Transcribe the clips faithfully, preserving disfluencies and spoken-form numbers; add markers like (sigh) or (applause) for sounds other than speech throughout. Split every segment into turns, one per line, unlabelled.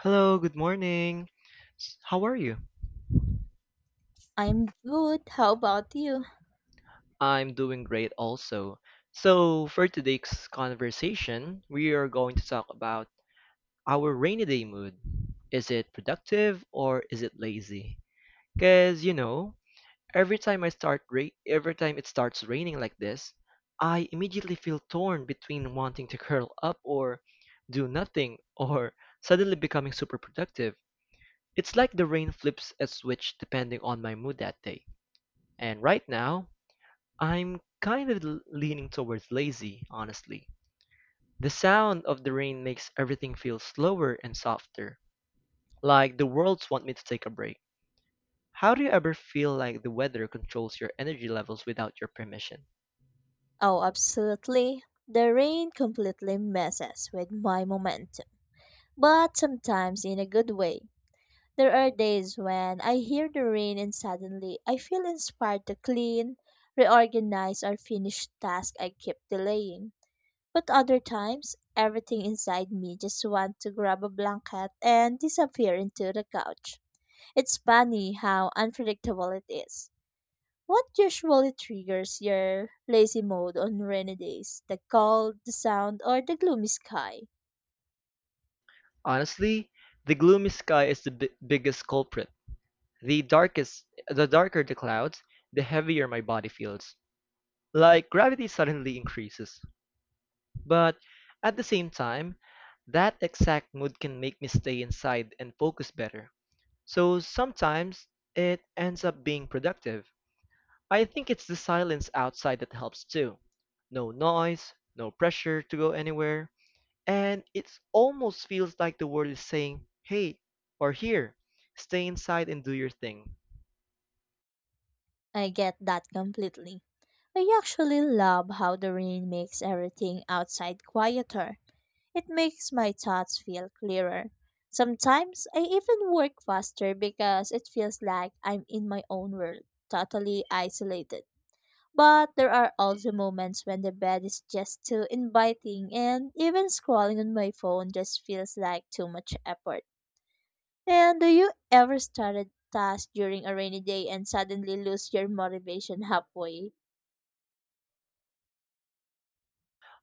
Hello, good morning. S- How are you?
I'm good. How about you?
I'm doing great also. So, for today's conversation, we are going to talk about our rainy day mood. Is it productive or is it lazy? Cuz you know, every time I start ra- every time it starts raining like this, I immediately feel torn between wanting to (laughs) curl up or do nothing or suddenly becoming super productive. It's like the rain flips a switch depending on my mood that day. And right now, I'm kind of l- leaning towards lazy, honestly. The sound of the rain makes everything feel slower and softer, like the worlds want me to take a break. How do you ever feel like the weather controls your energy levels without your permission?
Oh, absolutely. The rain completely messes with my momentum, but sometimes in a good way. There are days when I hear the rain and suddenly I feel inspired to clean, reorganize, or finish tasks I keep delaying. But other times, everything inside me just wants to grab a blanket and disappear into the couch. It's funny how unpredictable it is. What usually triggers your lazy mode on rainy days? The cold, the sound, or the gloomy sky?
Honestly, the gloomy sky is the bi- biggest culprit. The darkest, the darker the clouds, the heavier my body feels. Like gravity suddenly increases. But at the same time, that exact mood can make me stay inside and focus better. So sometimes it ends up being productive. I think it's the silence outside that helps too. No noise, no pressure to go anywhere, and it almost feels like the world is saying, hey, or here, stay inside and do your thing.
I get that completely. I actually love how the rain makes everything outside quieter. It makes my thoughts feel clearer. Sometimes I even work faster because it feels like I'm in my own world, totally isolated. But there are also moments when the bed is just too inviting, and even scrolling on my phone just feels like too much effort. And do you ever start a task during a rainy day and suddenly lose your motivation halfway?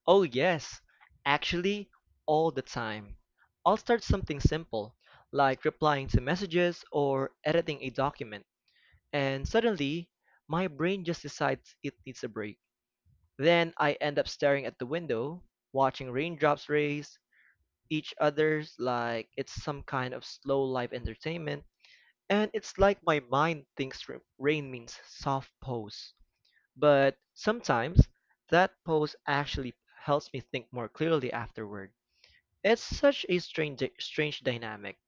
Oh, yes, actually, all the time. I'll start something simple, like replying to messages or editing a document, and suddenly my brain just decides it needs a break. Then I end up staring at the window, watching raindrops race each other's like it's some kind of slow life entertainment, and it's like my mind thinks r- rain means soft pose. But sometimes that pose actually helps me think more clearly afterward. It's such a strange strange dynamic.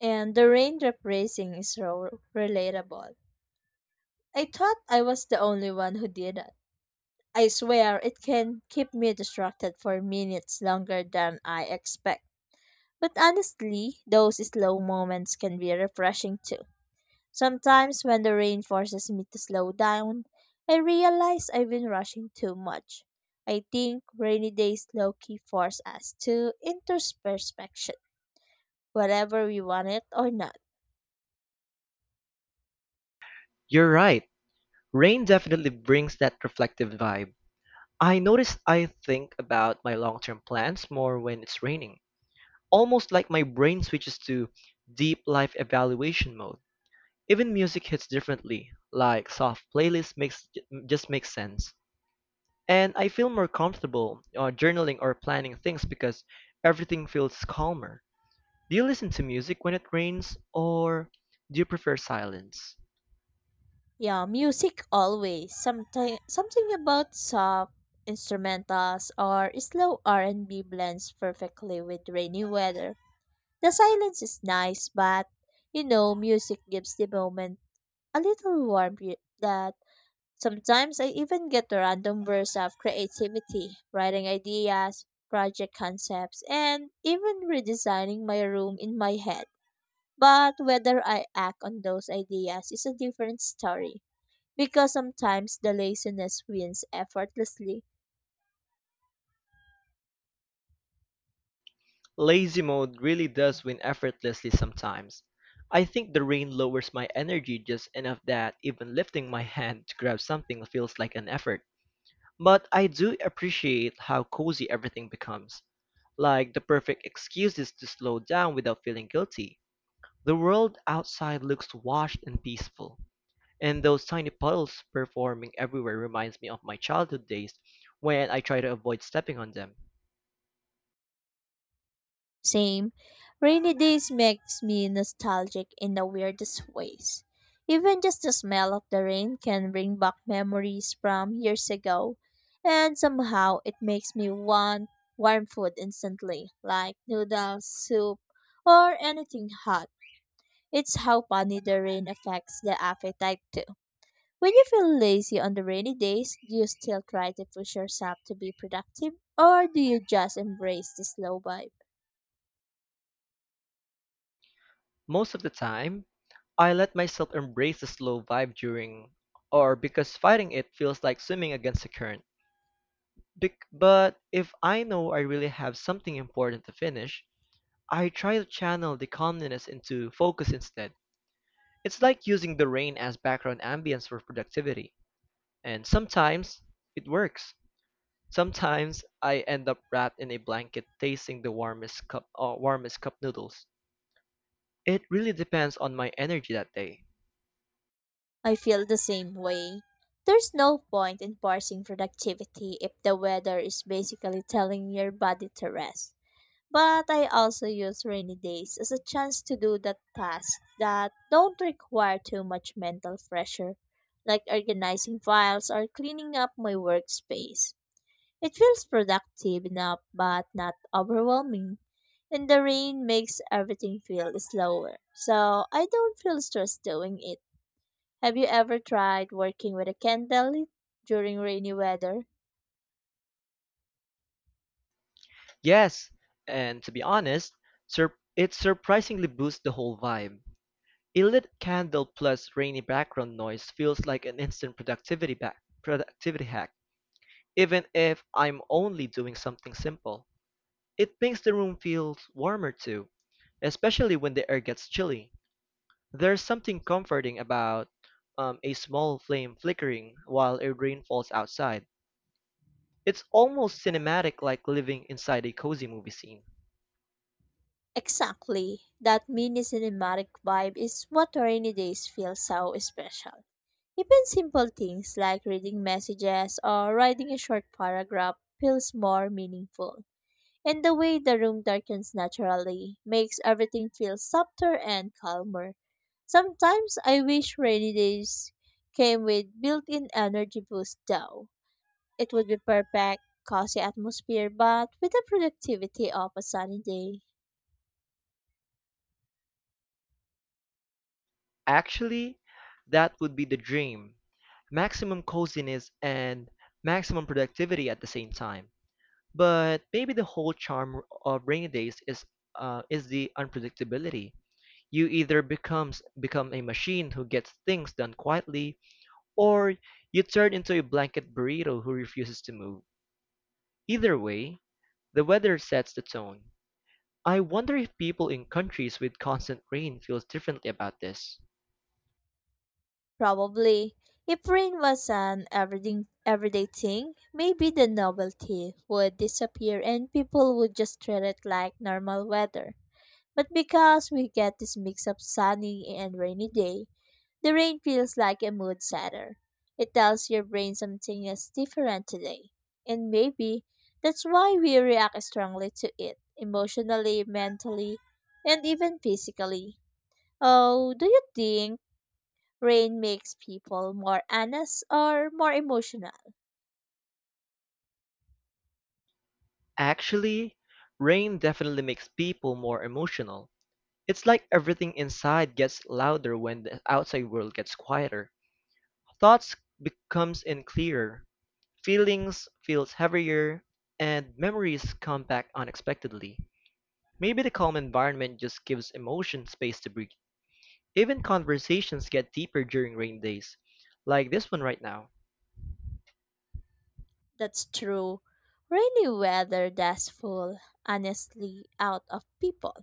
And the raindrop racing is so relatable. I thought I was the only one who did it. I swear it can keep me distracted for minutes longer than I expect. But honestly, those slow moments can be refreshing too. Sometimes when the rain forces me to slow down, I realize I've been rushing too much. I think rainy days low key force us to introspection, whether we want it or not.
You're right. Rain definitely brings that reflective vibe. I notice I think about my long-term plans more when it's raining. Almost like my brain switches to deep life evaluation mode. Even music hits differently, like soft playlist makes just makes sense. And I feel more comfortable uh, journaling or planning things because everything feels calmer. Do you listen to music when it rains or do you prefer silence?
Yeah, music always. Something something about soft instrumentals or slow R and B blends perfectly with rainy weather. The silence is nice, but you know, music gives the moment a little warmth y- that. Sometimes I even get a random bursts of creativity, writing ideas, project concepts, and even redesigning my room in my head. But whether I act on those ideas is a different story because sometimes the laziness wins effortlessly.
Lazy mode really does win effortlessly sometimes. I think the rain lowers my energy just enough that even lifting my hand to grab something feels like an effort. But I do appreciate how cozy everything becomes, like the perfect excuses to slow down without feeling guilty. The world outside looks washed and peaceful. And those tiny puddles performing everywhere reminds me of my childhood days when I try to avoid stepping on them.
Same. Rainy days makes me nostalgic in the weirdest ways. Even just the smell of the rain can bring back memories from years ago, and somehow it makes me want warm food instantly, like noodles, soup, or anything hot. It's how funny the rain affects the appetite too. When you feel lazy on the rainy days, do you still try to push yourself to be productive, or do you just embrace the slow vibe?
Most of the time, I let myself embrace the slow vibe during or because fighting it feels like swimming against the current. Bec- but if I know I really have something important to finish, I try to channel the calmness into focus instead. It's like using the rain as background ambience for productivity, and sometimes it works. Sometimes I end up wrapped in a blanket tasting the warmest cup uh, warmest cup noodles. It really depends on my energy that day.
I feel the same way. There's no point in parsing productivity if the weather is basically telling your body to rest. But I also use rainy days as a chance to do that tasks that don't require too much mental pressure, like organizing files or cleaning up my workspace. It feels productive enough but not overwhelming. And the rain makes everything feel slower, so I don't feel stressed doing it. Have you ever tried working with a candle during rainy weather?
Yes, and to be honest, sur- it surprisingly boosts the whole vibe. A lit candle plus rainy background noise feels like an instant productivity back productivity hack, even if I'm only doing something simple. It makes the room feel warmer too, especially when the air gets chilly. There's something comforting about um, a small flame flickering while a rain falls outside. It's almost cinematic, like living inside a cozy movie scene.
Exactly. That mini cinematic vibe is what rainy days feel so special. Even simple things like reading messages or writing a short paragraph feels more meaningful. And the way the room darkens naturally makes everything feel softer and calmer. Sometimes I wish rainy days came with built-in energy boost though. It would be perfect, cozy atmosphere, but with the productivity of a sunny day.
Actually, that would be the dream, maximum coziness and maximum productivity at the same time. But maybe the whole charm of rainy days is uh, is the unpredictability. You either becomes become a machine who gets things done quietly, or you turn into a blanket burrito who refuses to move. Either way, the weather sets the tone. I wonder if people in countries with constant rain feels differently about this.
Probably, if rain was an everything, everyday thing, maybe the novelty would disappear and people would just treat it like normal weather. But because we get this mix of sunny and rainy day, the rain feels like a mood setter. It tells your brain something is different today. And maybe that's why we react strongly to it, emotionally, mentally, and even physically. Oh, do you think rain makes people more honest or more emotional?
Actually, rain definitely makes people more emotional. It's like everything inside gets louder when the outside world gets quieter. Thoughts becomes in clearer. Feelings feels heavier, and memories come back unexpectedly. Maybe the calm environment just gives emotion space to breathe. Even conversations get deeper during rain days, like this one right now.
That's true. Rainy weather does fool honestly out of people.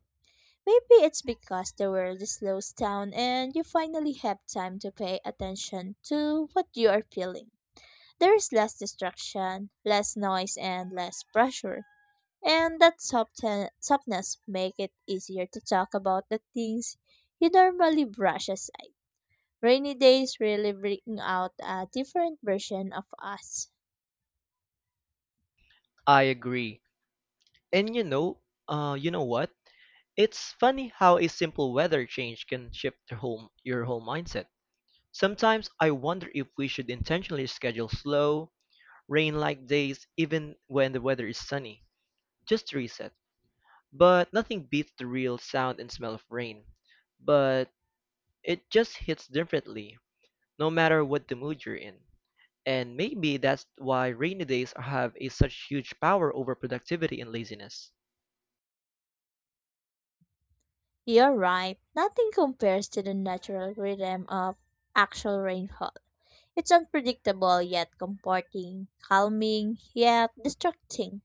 Maybe it's because the world slows down and you finally have time to pay attention to what you are feeling. There is less distraction, less noise, and less pressure. And that soften- softness make it easier to talk about the things you normally brush aside. Rainy days really bring out a different version of us.
I agree. And you know, uh, you know what? It's funny how a simple weather change can shift your whole your whole mindset. Sometimes I wonder if we should intentionally schedule slow, rain-like days even when the weather is sunny, just to reset. But nothing beats the real sound and smell of rain. But it just hits differently, no matter what the mood you're in. And maybe that's why rainy days have a such huge power over productivity and laziness.
You're right, nothing compares to the natural rhythm of actual rainfall. It's unpredictable yet comforting, calming yet distracting,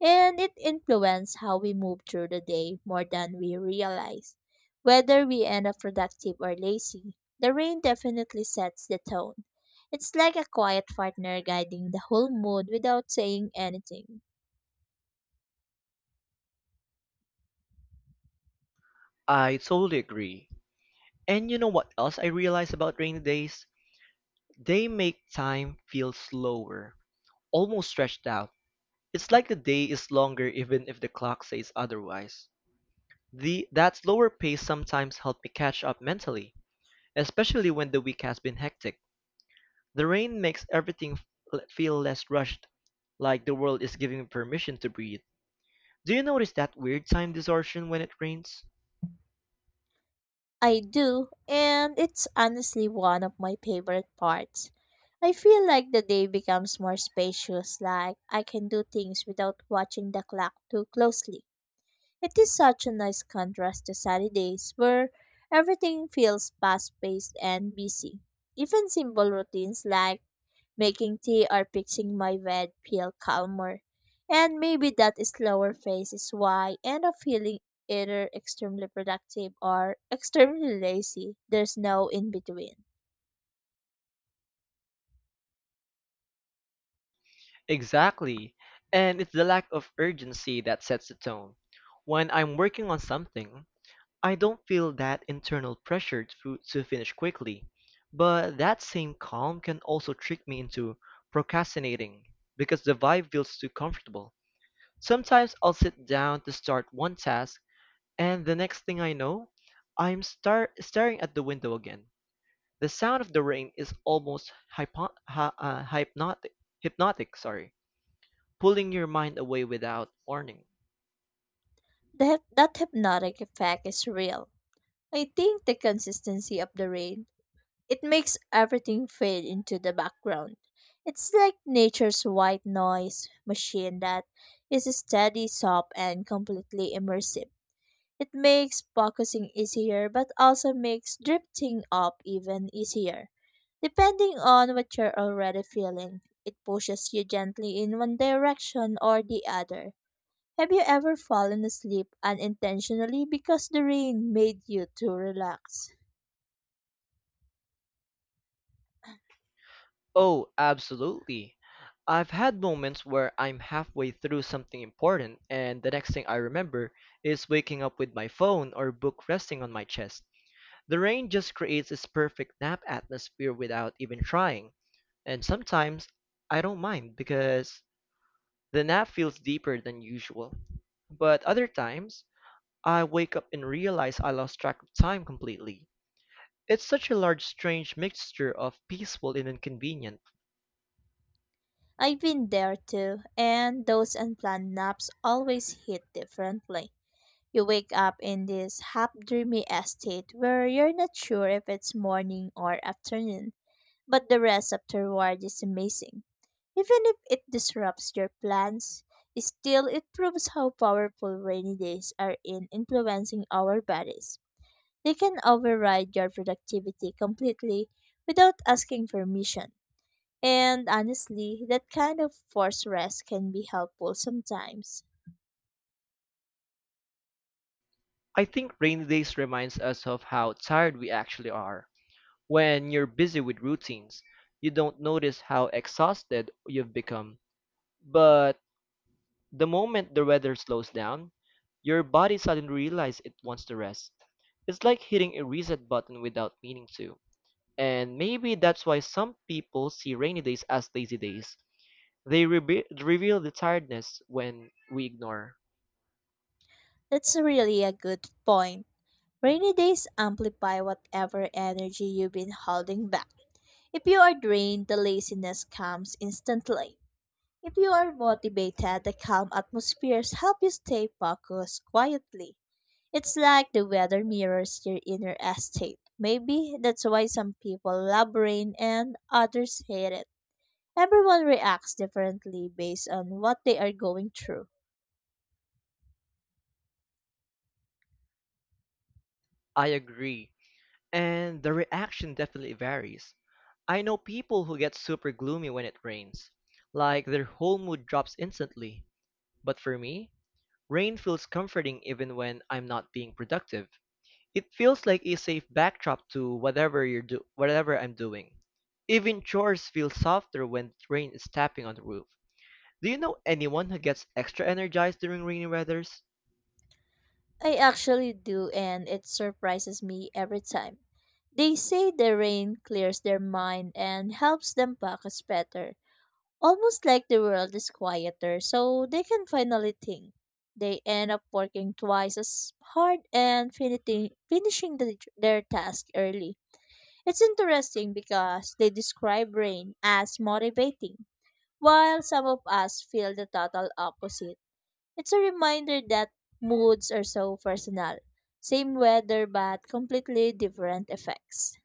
and it influences how we move through the day more than we realize. Whether we end up productive or lazy, the rain definitely sets the tone. It's like a quiet partner guiding the whole mood without saying anything.
I totally agree. And you know what else I realize about rainy days? They make time feel slower, almost stretched out. It's like the day is longer even if the clock says otherwise. The that slower pace sometimes helped me catch up mentally. Especially when the week has been hectic, the rain makes everything l- feel less rushed, like the world is giving permission to breathe. Do you notice that weird time distortion when it rains?
I do, and it's honestly one of my favorite parts. I feel like the day becomes more spacious, like I can do things without watching the clock too closely. It is such a nice contrast to Saturdays, where everything feels fast paced and busy. Even simple routines like making tea or fixing my bed feel calmer. And maybe that slower phase is why I end up feeling either extremely productive or extremely lazy. There's no in between.
Exactly. And it's the lack of urgency that sets the tone. When I'm working on something, I don't feel that internal pressure to, to finish quickly. But that same calm can also trick me into procrastinating because the vibe feels too comfortable. Sometimes I'll sit down to start one task. And the next thing I know, I'm star staring at the window again. The sound of the rain is almost hypo hy uh, hypnotic, hypnotic, sorry, pulling your mind away without warning.
That, that hypnotic effect is real. I think the consistency of the rain, it makes everything fade into the background. It's like nature's white noise machine that is steady, soft, and completely immersive. It makes focusing easier but also makes drifting up even easier. Depending on what you're already feeling, it pushes you gently in one direction or the other. Have you ever fallen asleep unintentionally because the rain made you too relaxed?
Oh, absolutely. I've had moments where I'm halfway through something important, and the next thing I remember is waking up with my phone or book resting on my chest. The rain just creates this perfect nap atmosphere without even trying. And sometimes I don't mind because the nap feels deeper than usual, but other times I wake up and realize I lost track of time completely. It's such a large, strange mixture of peaceful and inconvenient.
I've been there too, and those unplanned naps always hit differently. You wake up in this half dreamy state where you're not sure if it's morning or afternoon. But the rest afterward is amazing. Even if it disrupts your plans, still it proves how powerful rainy days are in influencing our bodies. They can override your productivity completely without asking permission. And honestly, that kind of forced rest can be helpful sometimes.
I think rainy days reminds us of how tired we actually are. When you're busy with routines, you don't notice how exhausted you've become. But the moment the weather slows down, your body suddenly realizes it wants to rest. It's like hitting a reset button without meaning to. And maybe that's why some people see rainy days as lazy days. They rebe- reveal the tiredness when we ignore.
That's really a good point. Rainy days amplify whatever energy you've been holding back. If you are drained, the laziness comes instantly. If you are motivated, the calm atmospheres help you stay focused quietly. It's like the weather mirrors your inner estate. Maybe that's why some people love rain and others hate it. Everyone reacts differently based on what they are going through.
I agree. And the reaction definitely varies. I know people who get super gloomy when it rains, like their whole mood drops instantly. But for me, rain feels comforting even when I'm not being productive. It feels like a safe backdrop to whatever you're do whatever I'm doing. Even chores feel softer when rain is tapping on the roof. Do you know anyone who gets extra energized during rainy weathers?
I actually do, and it surprises me every time. They say the rain clears their mind and helps them focus better, almost like the world is quieter, so they can finally think. They end up working twice as hard and finiti- finishing the, their task early. It's interesting because they describe rain as motivating, while some of us feel the total opposite. It's a reminder that moods are so personal. Same weather, but completely different effects.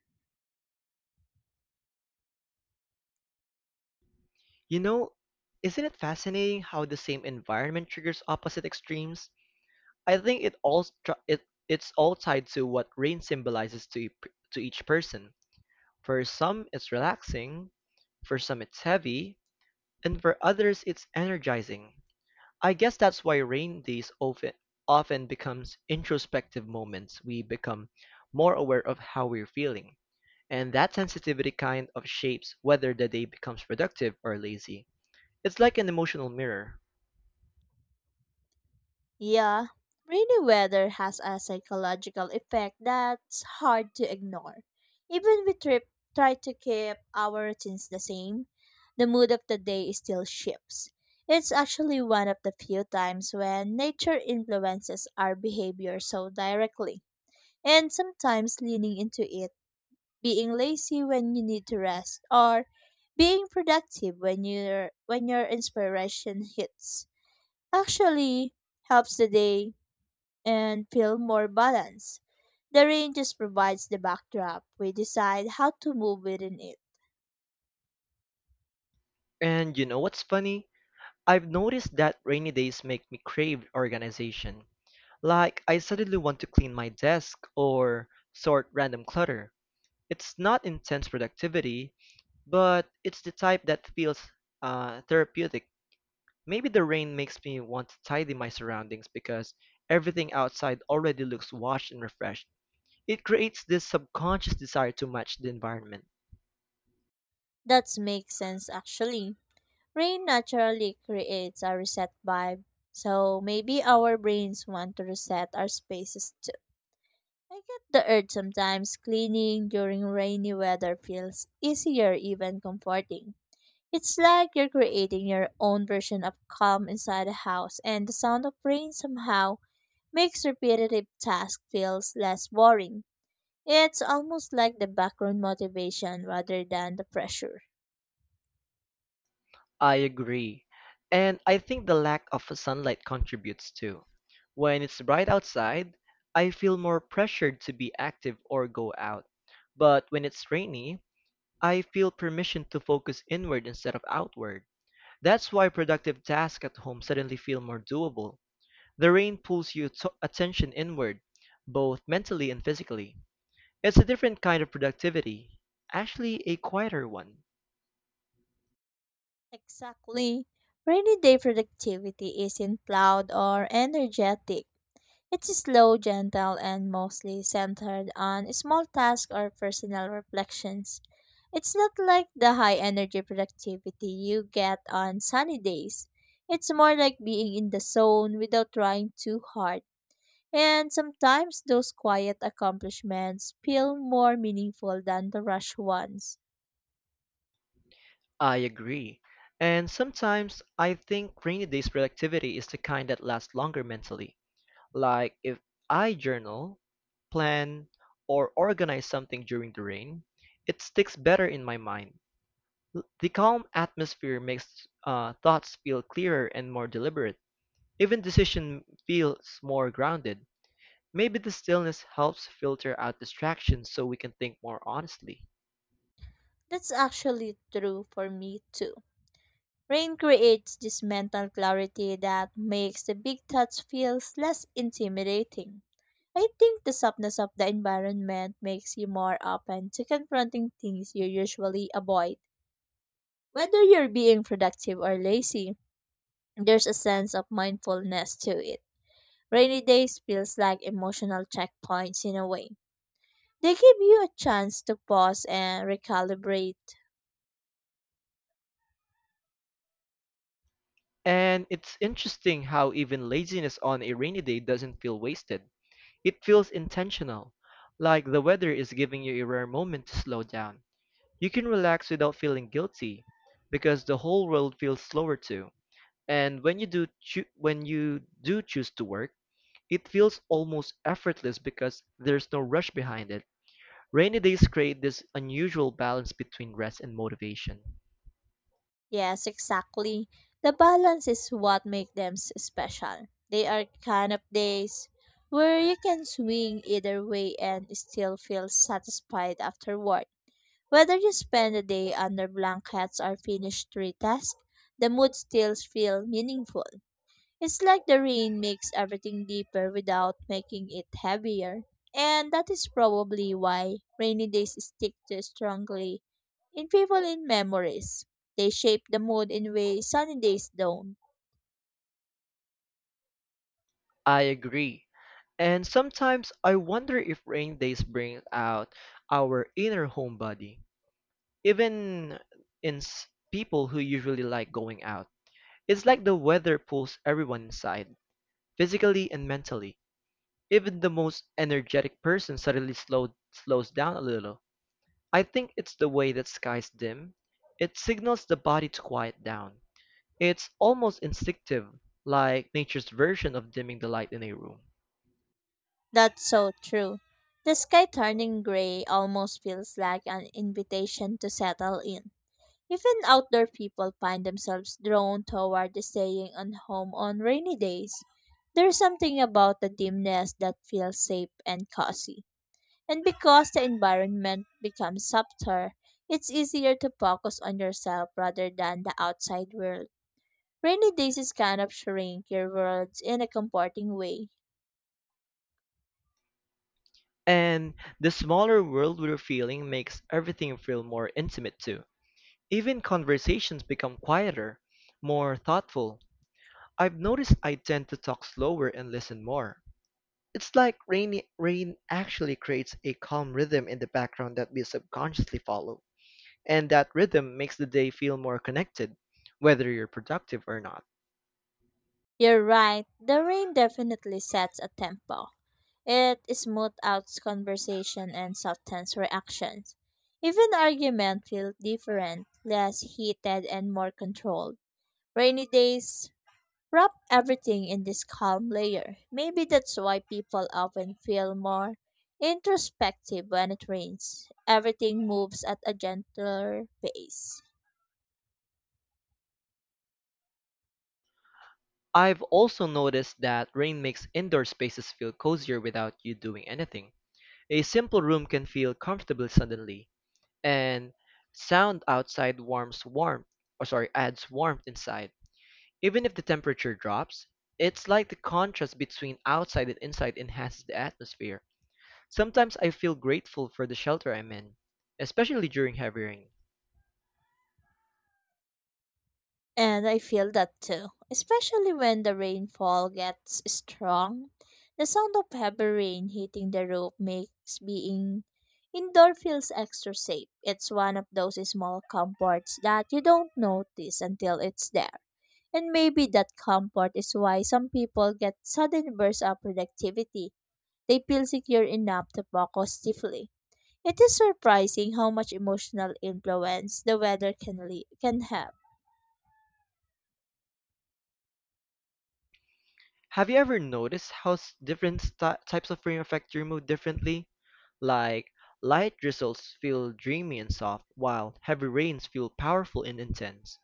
You know, isn't it fascinating how the same environment triggers opposite extremes? I think it all stru- it it's all tied to what rain symbolizes to e- to each person. For some, it's relaxing, for some, it's heavy, and for others, it's energizing. I guess that's why rain days often often becomes introspective moments. We become more aware of how we're feeling, and that sensitivity kind of shapes whether the day becomes productive or lazy. It's like an emotional mirror.
Yeah, rainy weather has a psychological effect that's hard to ignore. Even we trip, try to keep our routines the same, the mood of the day still shifts. It's actually one of the few times when nature influences our behavior so directly. And sometimes leaning into it, being lazy when you need to rest, or being productive when your when your inspiration hits actually helps the day and feel more balanced. The rain just provides the backdrop. We decide how to move within it.
And you know what's funny? I've noticed that rainy days make me crave organization. Like I suddenly want to clean my desk or sort random clutter. It's not intense productivity, but it's the type that feels uh, therapeutic. Maybe the rain makes me want to tidy my surroundings because everything outside already looks washed and refreshed. It creates this subconscious desire to match the environment.
That makes sense actually. Rain naturally creates a reset vibe. So maybe our brains want to reset our spaces too. I get the urge sometimes. Cleaning during rainy weather feels easier, even comforting. It's like you're creating your own version of calm inside a house, and the sound of rain somehow makes repetitive tasks feels less boring. It's almost like the background motivation rather than the pressure.
I agree. And I think the lack of sunlight contributes too. When it's bright outside, I feel more pressured to be active or go out. But when it's rainy, I feel permission to focus inward instead of outward. That's why productive tasks at home suddenly feel more doable. The rain pulls your to- attention inward, both mentally and physically. It's a different kind of productivity, actually, a quieter one.
Exactly. Rainy day productivity isn't loud or energetic. It's slow, gentle, and mostly centered on small tasks or personal reflections. It's not like the high energy productivity you get on sunny days. It's more like being in the zone without trying too hard. And sometimes those quiet accomplishments feel more meaningful than the rush ones.
I agree. And sometimes I think rainy days productivity is the kind that lasts longer mentally. Like if I journal, plan, or organize something during the rain, it sticks better in my mind. L- The calm atmosphere makes uh, thoughts feel clearer and more deliberate. Even decision feels more grounded. Maybe the stillness helps filter out distractions so we can think more honestly.
That's actually true for me too. Rain creates this mental clarity that makes the big touch feels less intimidating. I think the softness of the environment makes you more open to confronting things you usually avoid. Whether you're being productive or lazy, there's a sense of mindfulness to it. Rainy days feels like emotional checkpoints in a way. They give you a chance to pause and recalibrate.
And it's interesting how even laziness on a rainy day doesn't feel wasted. It feels intentional, like the weather is giving you a rare moment to slow down. You can relax without feeling guilty because the whole world feels slower too. And when you do choo- when you do choose to work, it feels almost effortless because there's no rush behind it. Rainy days create this unusual balance between rest and motivation.
Yes, exactly. The balance is what makes them s- special. They are kind of days where you can swing either way and still feel satisfied afterward. Whether you spend the day under blankets or finish three tasks, the mood still feels meaningful. It's like the rain makes everything deeper without making it heavier. And that is probably why rainy days stick so strongly in people in memories. They shape the mood in ways sunny days don't.
I agree. And sometimes I wonder if rain days bring out our inner homebody, even in s- people who usually like going out. It's like the weather pulls everyone inside, physically and mentally. Even the most energetic person suddenly slow, slows down a little. I think it's the way that skies dim. It signals the body to quiet down. It's almost instinctive, like nature's version of dimming the light in a room.
That's so true. The sky turning gray almost feels like an invitation to settle in. Even outdoor people find themselves drawn toward staying on home on rainy days. There's something about the dimness that feels safe and cozy. And because the environment becomes softer, it's easier to focus on yourself rather than the outside world. Rainy days is kind of shrink your world in a comforting way.
And the smaller world we're feeling makes everything feel more intimate too. Even conversations become quieter, more thoughtful. I've noticed I tend to talk slower and listen more. It's like rainy rain actually creates a calm rhythm in the background that we subconsciously follow. And that rhythm makes the day feel more connected, whether you're productive or not.
You're right, the rain definitely sets a tempo. It smooths out conversation and softens reactions. Even argument feel different, less heated and more controlled. Rainy days wrap everything in this calm layer. Maybe that's why people often feel more introspective when it rains. Everything moves at a gentler pace.
I've also noticed that rain makes indoor spaces feel cozier without you doing anything. A simple room can feel comfortable suddenly, and sound outside warms warmth or sorry adds warmth inside, even if the temperature drops. It's like the contrast between outside and inside enhances the atmosphere. Sometimes I feel grateful for the shelter I'm in, especially during heavy rain.
And I feel that too, especially when the rainfall gets strong. The sound of heavy rain hitting the roof makes being indoor feels extra safe. It's one of those small comforts that you don't notice until it's there. And maybe that comfort is why some people get sudden bursts of productivity. They feel secure enough to focus deeply. It is surprising how much emotional influence the weather can, le- can have.
Have you ever noticed how s- different sti- types of rain affect your mood differently? Like, light drizzles feel dreamy and soft while heavy rains feel powerful and intense.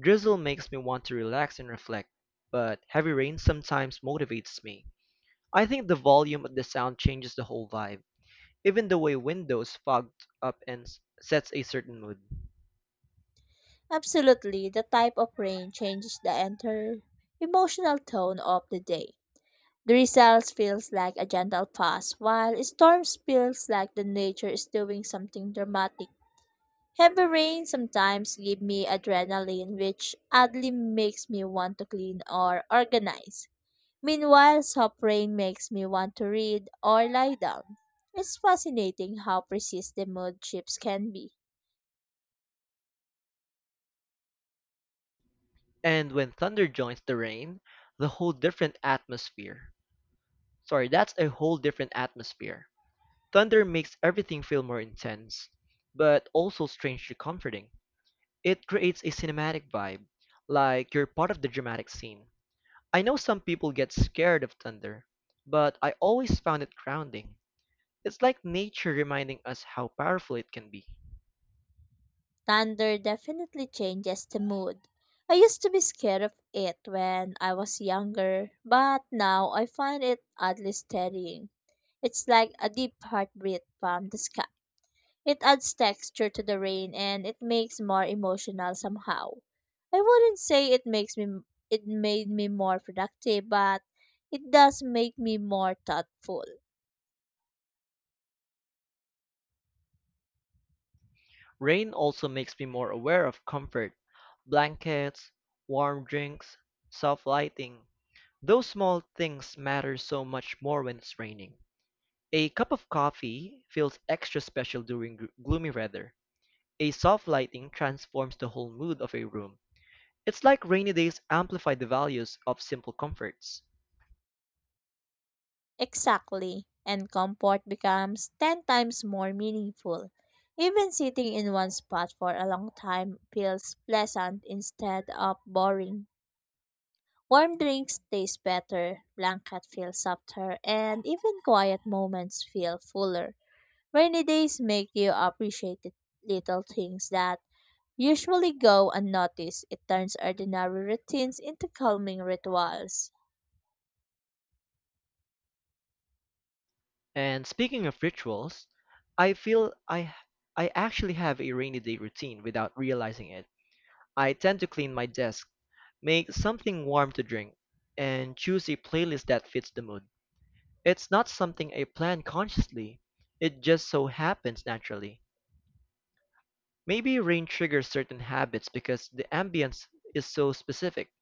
Drizzle makes me want to relax and reflect, but heavy rain sometimes motivates me. I think the volume of the sound changes the whole vibe, even the way windows fog up and s- sets a certain mood.
Absolutely, the type of rain changes the entire emotional tone of the day. Drizzles feels like a gentle pass, while storms feels like the nature is doing something dramatic. Heavy rain sometimes give me adrenaline, which oddly makes me want to clean or organize. Meanwhile, soft rain makes me want to read or lie down. It's fascinating how precise the mood shifts can be.
And when thunder joins the rain, the whole different atmosphere. Sorry, that's a whole different atmosphere. Thunder makes everything feel more intense, but also strangely comforting. It creates a cinematic vibe, like you're part of the dramatic scene. I know some people get scared of thunder, but I always found it grounding. It's like nature reminding us how powerful it can be.
Thunder definitely changes the mood. I used to be scared of it when I was younger, but now I find it oddly steadying. It's like a deep heartbeat from the sky. It adds texture to the rain and it makes more emotional somehow. I wouldn't say it makes me it made me more productive, but it does make me more thoughtful.
Rain also makes me more aware of comfort, blankets, warm drinks, soft lighting. Those small things matter so much more when it's raining. A cup of coffee feels extra special during gr- gloomy weather. A soft lighting transforms the whole mood of a room. It's like rainy days amplify the values of simple comforts.
Exactly. And comfort becomes ten times more meaningful. Even sitting in one spot for a long time feels pleasant instead of boring. Warm drinks taste better, blanket feels softer, and even quiet moments feel fuller. Rainy days make you appreciate the little things that usually go unnoticed. It turns ordinary routines into calming rituals.
And speaking of rituals, I feel I h- I actually have a rainy day routine without realizing it. I tend to clean my desk, make something warm to drink, and choose a playlist that fits the mood. It's not something I plan consciously. It just so happens naturally. Maybe rain triggers certain habits because the ambience is so specific.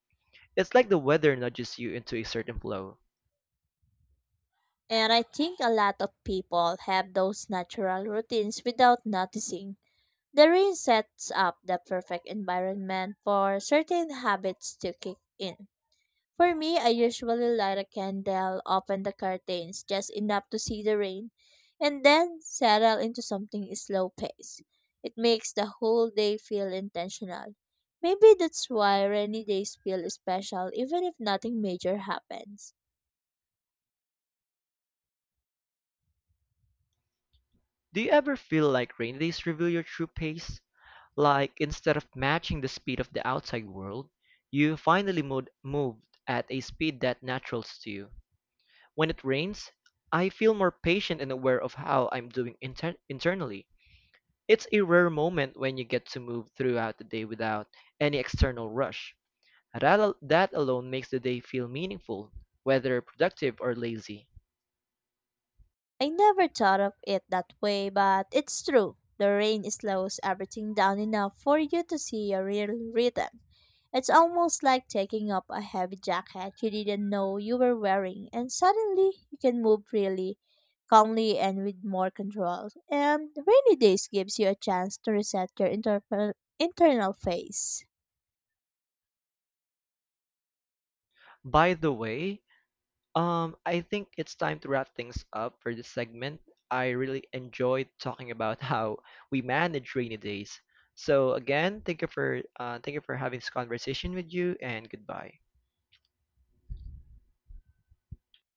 It's like the weather nudges you into a certain flow.
And I think a lot of people have those natural routines without noticing. The rain sets up the perfect environment for certain habits to kick in. For me, I usually light a candle, open the curtains just enough to see the rain, and then settle into something slow pace. It makes the whole day feel intentional. Maybe that's why rainy days feel special even if nothing major happens.
Do you ever feel like rainy days reveal your true pace? Like, instead of matching the speed of the outside world, you finally moved, moved at a speed that natural to you. When it rains, I feel more patient and aware of how I'm doing inter- internally. It's a rare moment when you get to move throughout the day without any external rush. That, al- that alone makes the day feel meaningful, whether productive or lazy.
I never thought of it that way, but it's true. The rain slows everything down enough for you to see your real rhythm. It's almost like taking up a heavy jacket you didn't know you were wearing, and suddenly you can move freely, calmly, and with more control. And rainy days gives you a chance to reset your inter- internal face.
By the way, um, I think it's time to wrap things up for this segment. I really enjoyed talking about (laughs) how we manage rainy days. So again, thank you for uh, thank you for having this conversation with you, and goodbye.